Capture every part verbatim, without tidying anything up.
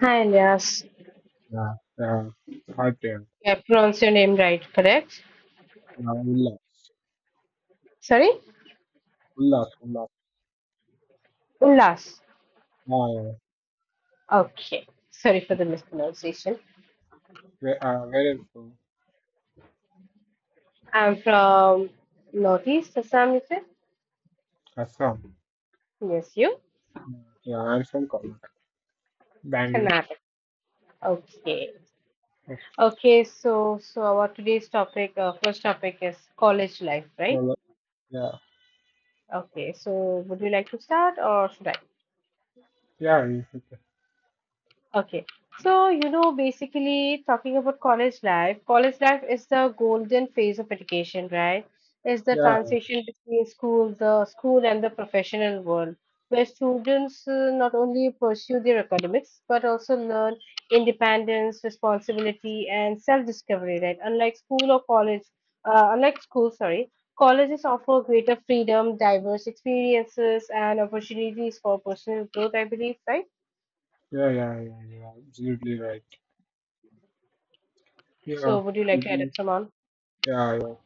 Hi, Ilyas. Yeah, yeah, right there. I pronounced your name right, correct? Yeah, Ullas, Sorry? Ullas, Ullas. Ullas. Yeah, Okay. Sorry for yeah. the mispronunciation. Where, uh, where is from? I'm from Northeast Assam, is it? Assam. Yes, you? Yeah, I'm from Kolkata, Bangalore. Karnataka. Okay. Oh, Okay, so so our today's topic, uh, first topic is college life, right? Kola- Yeah, Okay, so would you like to start or should I? yeah, Okay. So, you know, basically talking about college life, college life is the golden phase of education, right? It's the yeah, transition between school, the school and the professional world, where students uh, not only pursue their academics but also learn independence, responsibility, and self-discovery, right? Unlike school or college, uh, unlike school, sorry, colleges offer greater freedom, diverse experiences, and opportunities for personal growth, I believe, right? yeah, yeah, yeah, yeah. You're absolutely right. Yeah, So would you I like to add up do. some on? Yeah, yeah.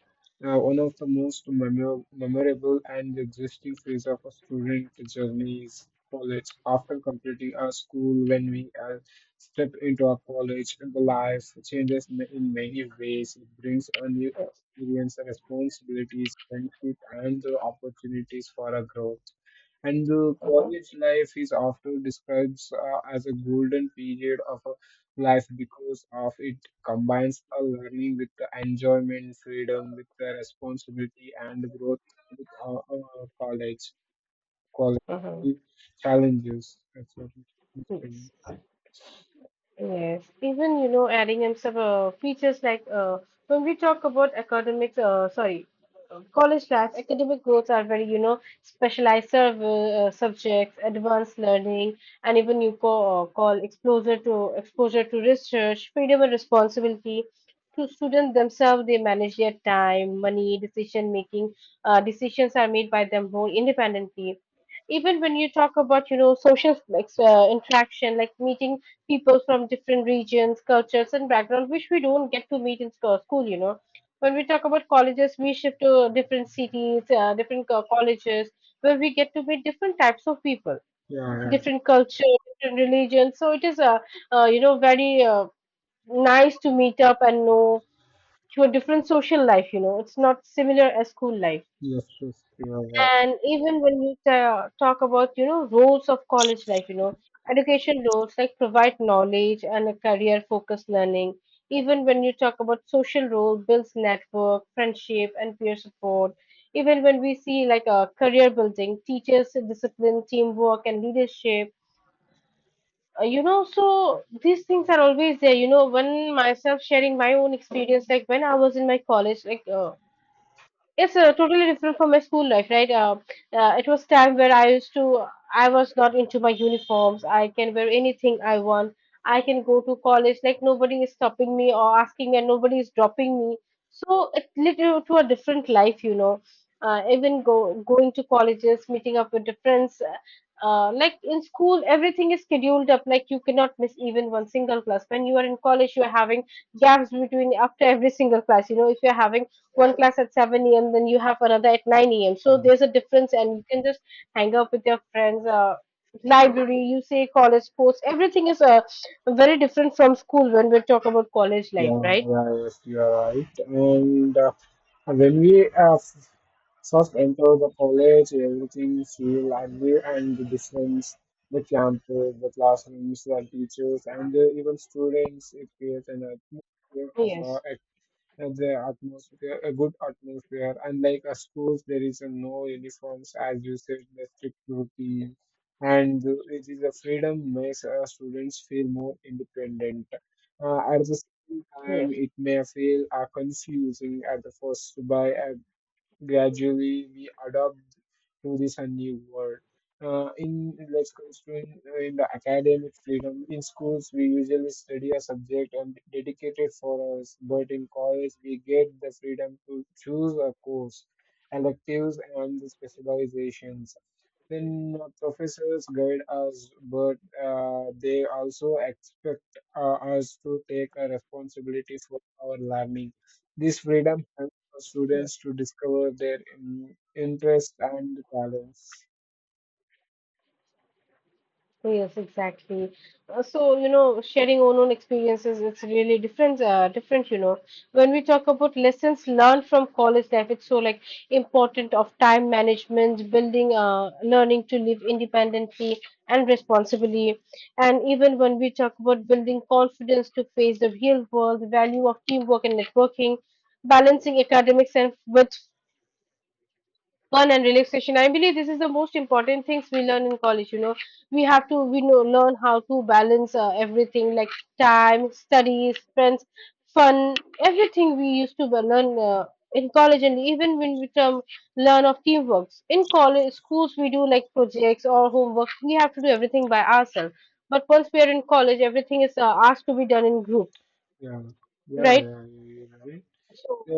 Uh, one of the most memor memorable and existing phase of a student journey is college. After completing our school, when we uh, step into our college, the life changes ma- in many ways. It brings a new Yes. experience, responsibilities, friendship, and the opportunities for our growth. And the Uh-huh. college life is often described uh, as a golden period of a life because of its combines a learning with the enjoyment, freedom with the responsibility and growth with uh, uh, college, college Uh-huh. challenges. That's what it is. Yes. Yes. Even, you know, adding in some uh, features like uh, when we talk about academics, uh, sorry, uh, college labs, academic growths are very, you know, specialized serv uh, subjects, advanced learning, and even you call, uh, call exposure to exposure to research, freedom and responsibility. To students themselves, they manage their time, money, decision making. Uh, decisions are made by them more independently, even when you talk about, you know, social like, uh, interaction, like meeting people from different regions, cultures and backgrounds, which we don't get to meet in sco- school. You know, when we talk about colleges, we shift to different cities, uh, different co- colleges where we get to meet different types of people, Yeah, yeah. different culture, different religions. So it is a uh, uh, you know, very uh, nice to meet up and know to a different social life. You know, it's not similar as school life. Yes, yes, you are right. And even when you ta talk about, you know, roles of college life, you know, education roles like provide knowledge and a career-focused learning. Even when you talk about social role, builds network, friendship, and peer support. Even when we see like a career building, teachers, discipline, teamwork, and leadership. Uh, you know, so these things are always there. You know, when myself sharing my own experience, like when I was in my college, like uh, it's uh, totally different from my school life, right? Uh, uh, it was time where I used to, I was not into my uniforms, I can wear anything I want, I can go to college, like nobody is stopping me or asking me and nobody is dropping me. So it led you to a different life, you know. Uh, even go Going to colleges, meeting up with the friends, uh, uh, like in school everything is scheduled up, like you cannot miss even one single class. When you are in college, you are having gaps between after every single class. You know, if you're having one class at seven a m, then you have another at nine a m. So You there's are a difference and you can just hang out with your friends. Uh, library, you say college sports, everything is uh, very different from school when we talk about college life, Yeah, right? yeah, yes, you are right. And uh, when we uh, f- first enter the college, everything feel and new and the difference, the campus, the classrooms, the teachers, and uh, even students. It creates an atmosphere of uh, Yes, and the atmosphere, a good atmosphere. Unlike a schools, there is a no uniforms, as you said, the strict routine, and it is a freedom makes uh, students feel more independent. Uh, at the same time, yes. it may feel uh, confusing at the first by uh, gradually we adapt to this uh, new world. Uh, in let's constrain uh, in the academic freedom in schools we usually study a subject and dedicate it for us, but in college we get the freedom to choose a course, electives and the specializations. Then uh, professors guide us, but uh, they also expect uh, us to take a responsibility for our learning, this freedom for students to discover their in, interests and talents. Yes, exactly. Uh, so, you know, sharing own own experiences, it's really different, uh, different, you know. When we talk about lessons learned from college life, it's so like important of time management, building, uh, learning to live independently and responsibly. And even when we talk about building confidence to face the real world, the value of teamwork and networking, balancing academics and with fun and relaxation. I believe this is the most important things we learn in college. You know, we have to we know, learn how to balance uh, everything like time, studies, friends, fun, everything we used to learn uh, in college. And even when we term learn of teamworks in college schools, we do like projects or homework. We have to do everything by ourselves. But once we are in college, everything is uh, asked to be done in group, Yeah, yeah, right? yeah, yeah, yeah, right. So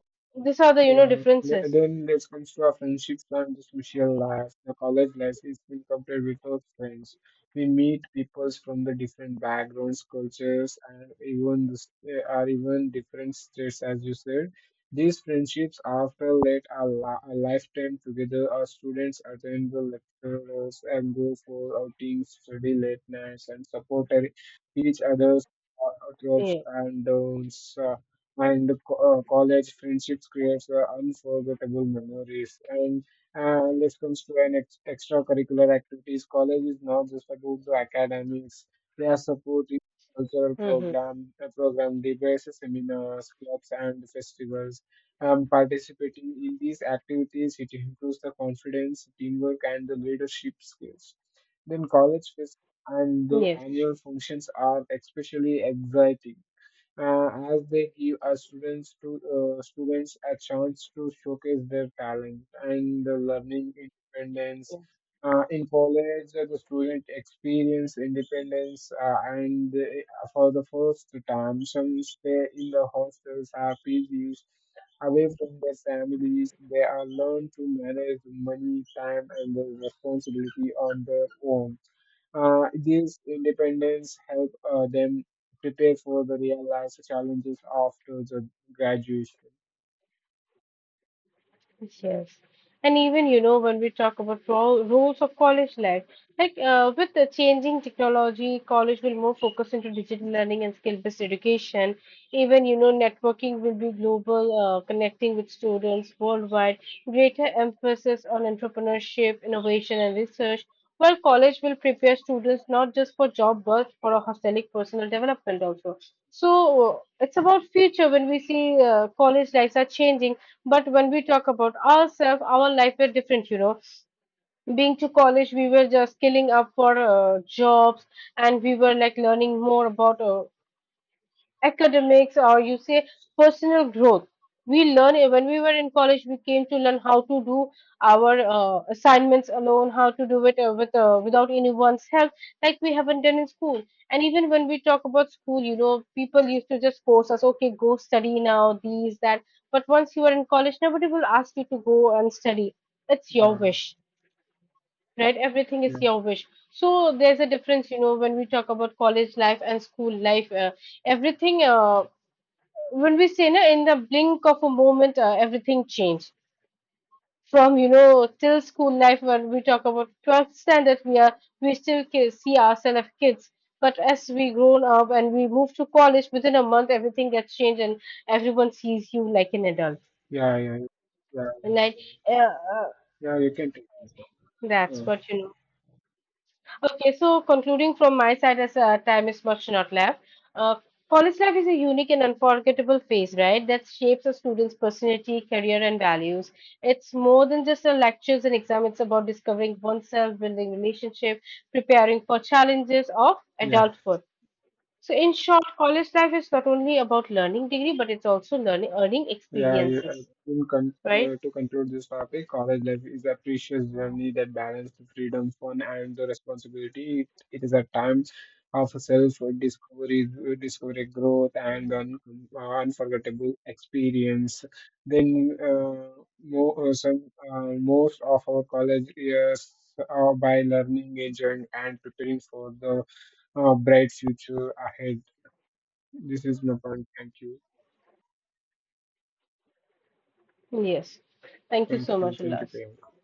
these are the, you know, Yeah. Th- differences. Then it comes to our friendships and the social life. The college life is incomplete without friends. We meet people from the different backgrounds, cultures, and even the, st- are even different states, as you said. These friendships, after late a, li- a lifetime together, our students attend the lectures and go for outings, study late nights, and support e- each other's uh, ups Yeah. and downs. Uh, and co- uh, college friendships creates uh, unforgettable memories. And uh, this comes to an ex- extracurricular activities, college is not just about the academics, they are supporting cultural Mm-hmm. program uh, program, debates, seminars, clubs and festivals. Um, participating in these activities, it improves the confidence, teamwork and the leadership skills. Then college fest and the Yes. annual functions are especially exciting, uh, as they give our students to uh, students a chance to showcase their talent and the learning independence. Uh, in college, uh, the student experience independence, uh, and uh, for the first time, some stay in the hostels or P Gs away from their families. They are learned to manage money, time, and the responsibility on their own. Uh, these independence help uh, them prepare for the real life challenges after the graduation. Yes. And even, you know, when we talk about ro roles of college life, like uh, with the changing technology, college will more focus into digital learning and skill-based education. Even, you know, networking will be global, uh, connecting with students worldwide, greater emphasis on entrepreneurship, innovation, and research, while college will prepare students not just for job but for a holistic personal development also. So uh, it's about future when we see uh, college lives are changing. But when we talk about ourselves, our life were different, you know. Being to college, we were just skilling up for uh, jobs, and we were like learning more about uh, academics, or you say personal growth. We learn eh, when we were in college, we came to learn how to do our uh, assignments alone, how to do it uh, with uh, without anyone's help, like we haven't done in school. And even when we talk about school, you know, people used to just force us, okay, go study now, these that. But once you are in college, nobody will ask you to go and study. It's your Yeah, wish, right? Everything is yeah, your wish. So there's a difference, you know, when we talk about college life and school life, uh, everything uh, when we say no, in the blink of a moment, uh, everything changed. From, you know, till school life, when we talk about twelfth standard, we are we still ki- see ourselves as kids. But as we grown up and we move to college, within a month everything gets changed and everyone sees you like an adult. yeah, yeah, yeah. And like uh, uh, Yeah, you can take this that's one. what, you know. Okay, so concluding from my side, as uh, time is much not left, uh, college life is a unique and unforgettable phase, right? That shapes a student's personality, career, and values. It's more than just the lectures and exam. It's about discovering oneself, building relationship, preparing for challenges of Yeah. adulthood. So, in short, college life is not only about learning degree, but it's also learning, earning Yeah, you- uh, experiences, in con right? uh, to conclude this topic, college life is a precious journey that balances the freedom, fun, and the responsibility. It, it is a time of self-discovery, uh, discovery, growth, and an uh, unforgettable experience. Then, uh, more, uh, some, uh, most of our college years are by learning, enjoying, and preparing for the uh, bright future ahead. This is my point. Thank you. Yes. Thank you Thank so you. much, Thank you, Ulas. Priyanka.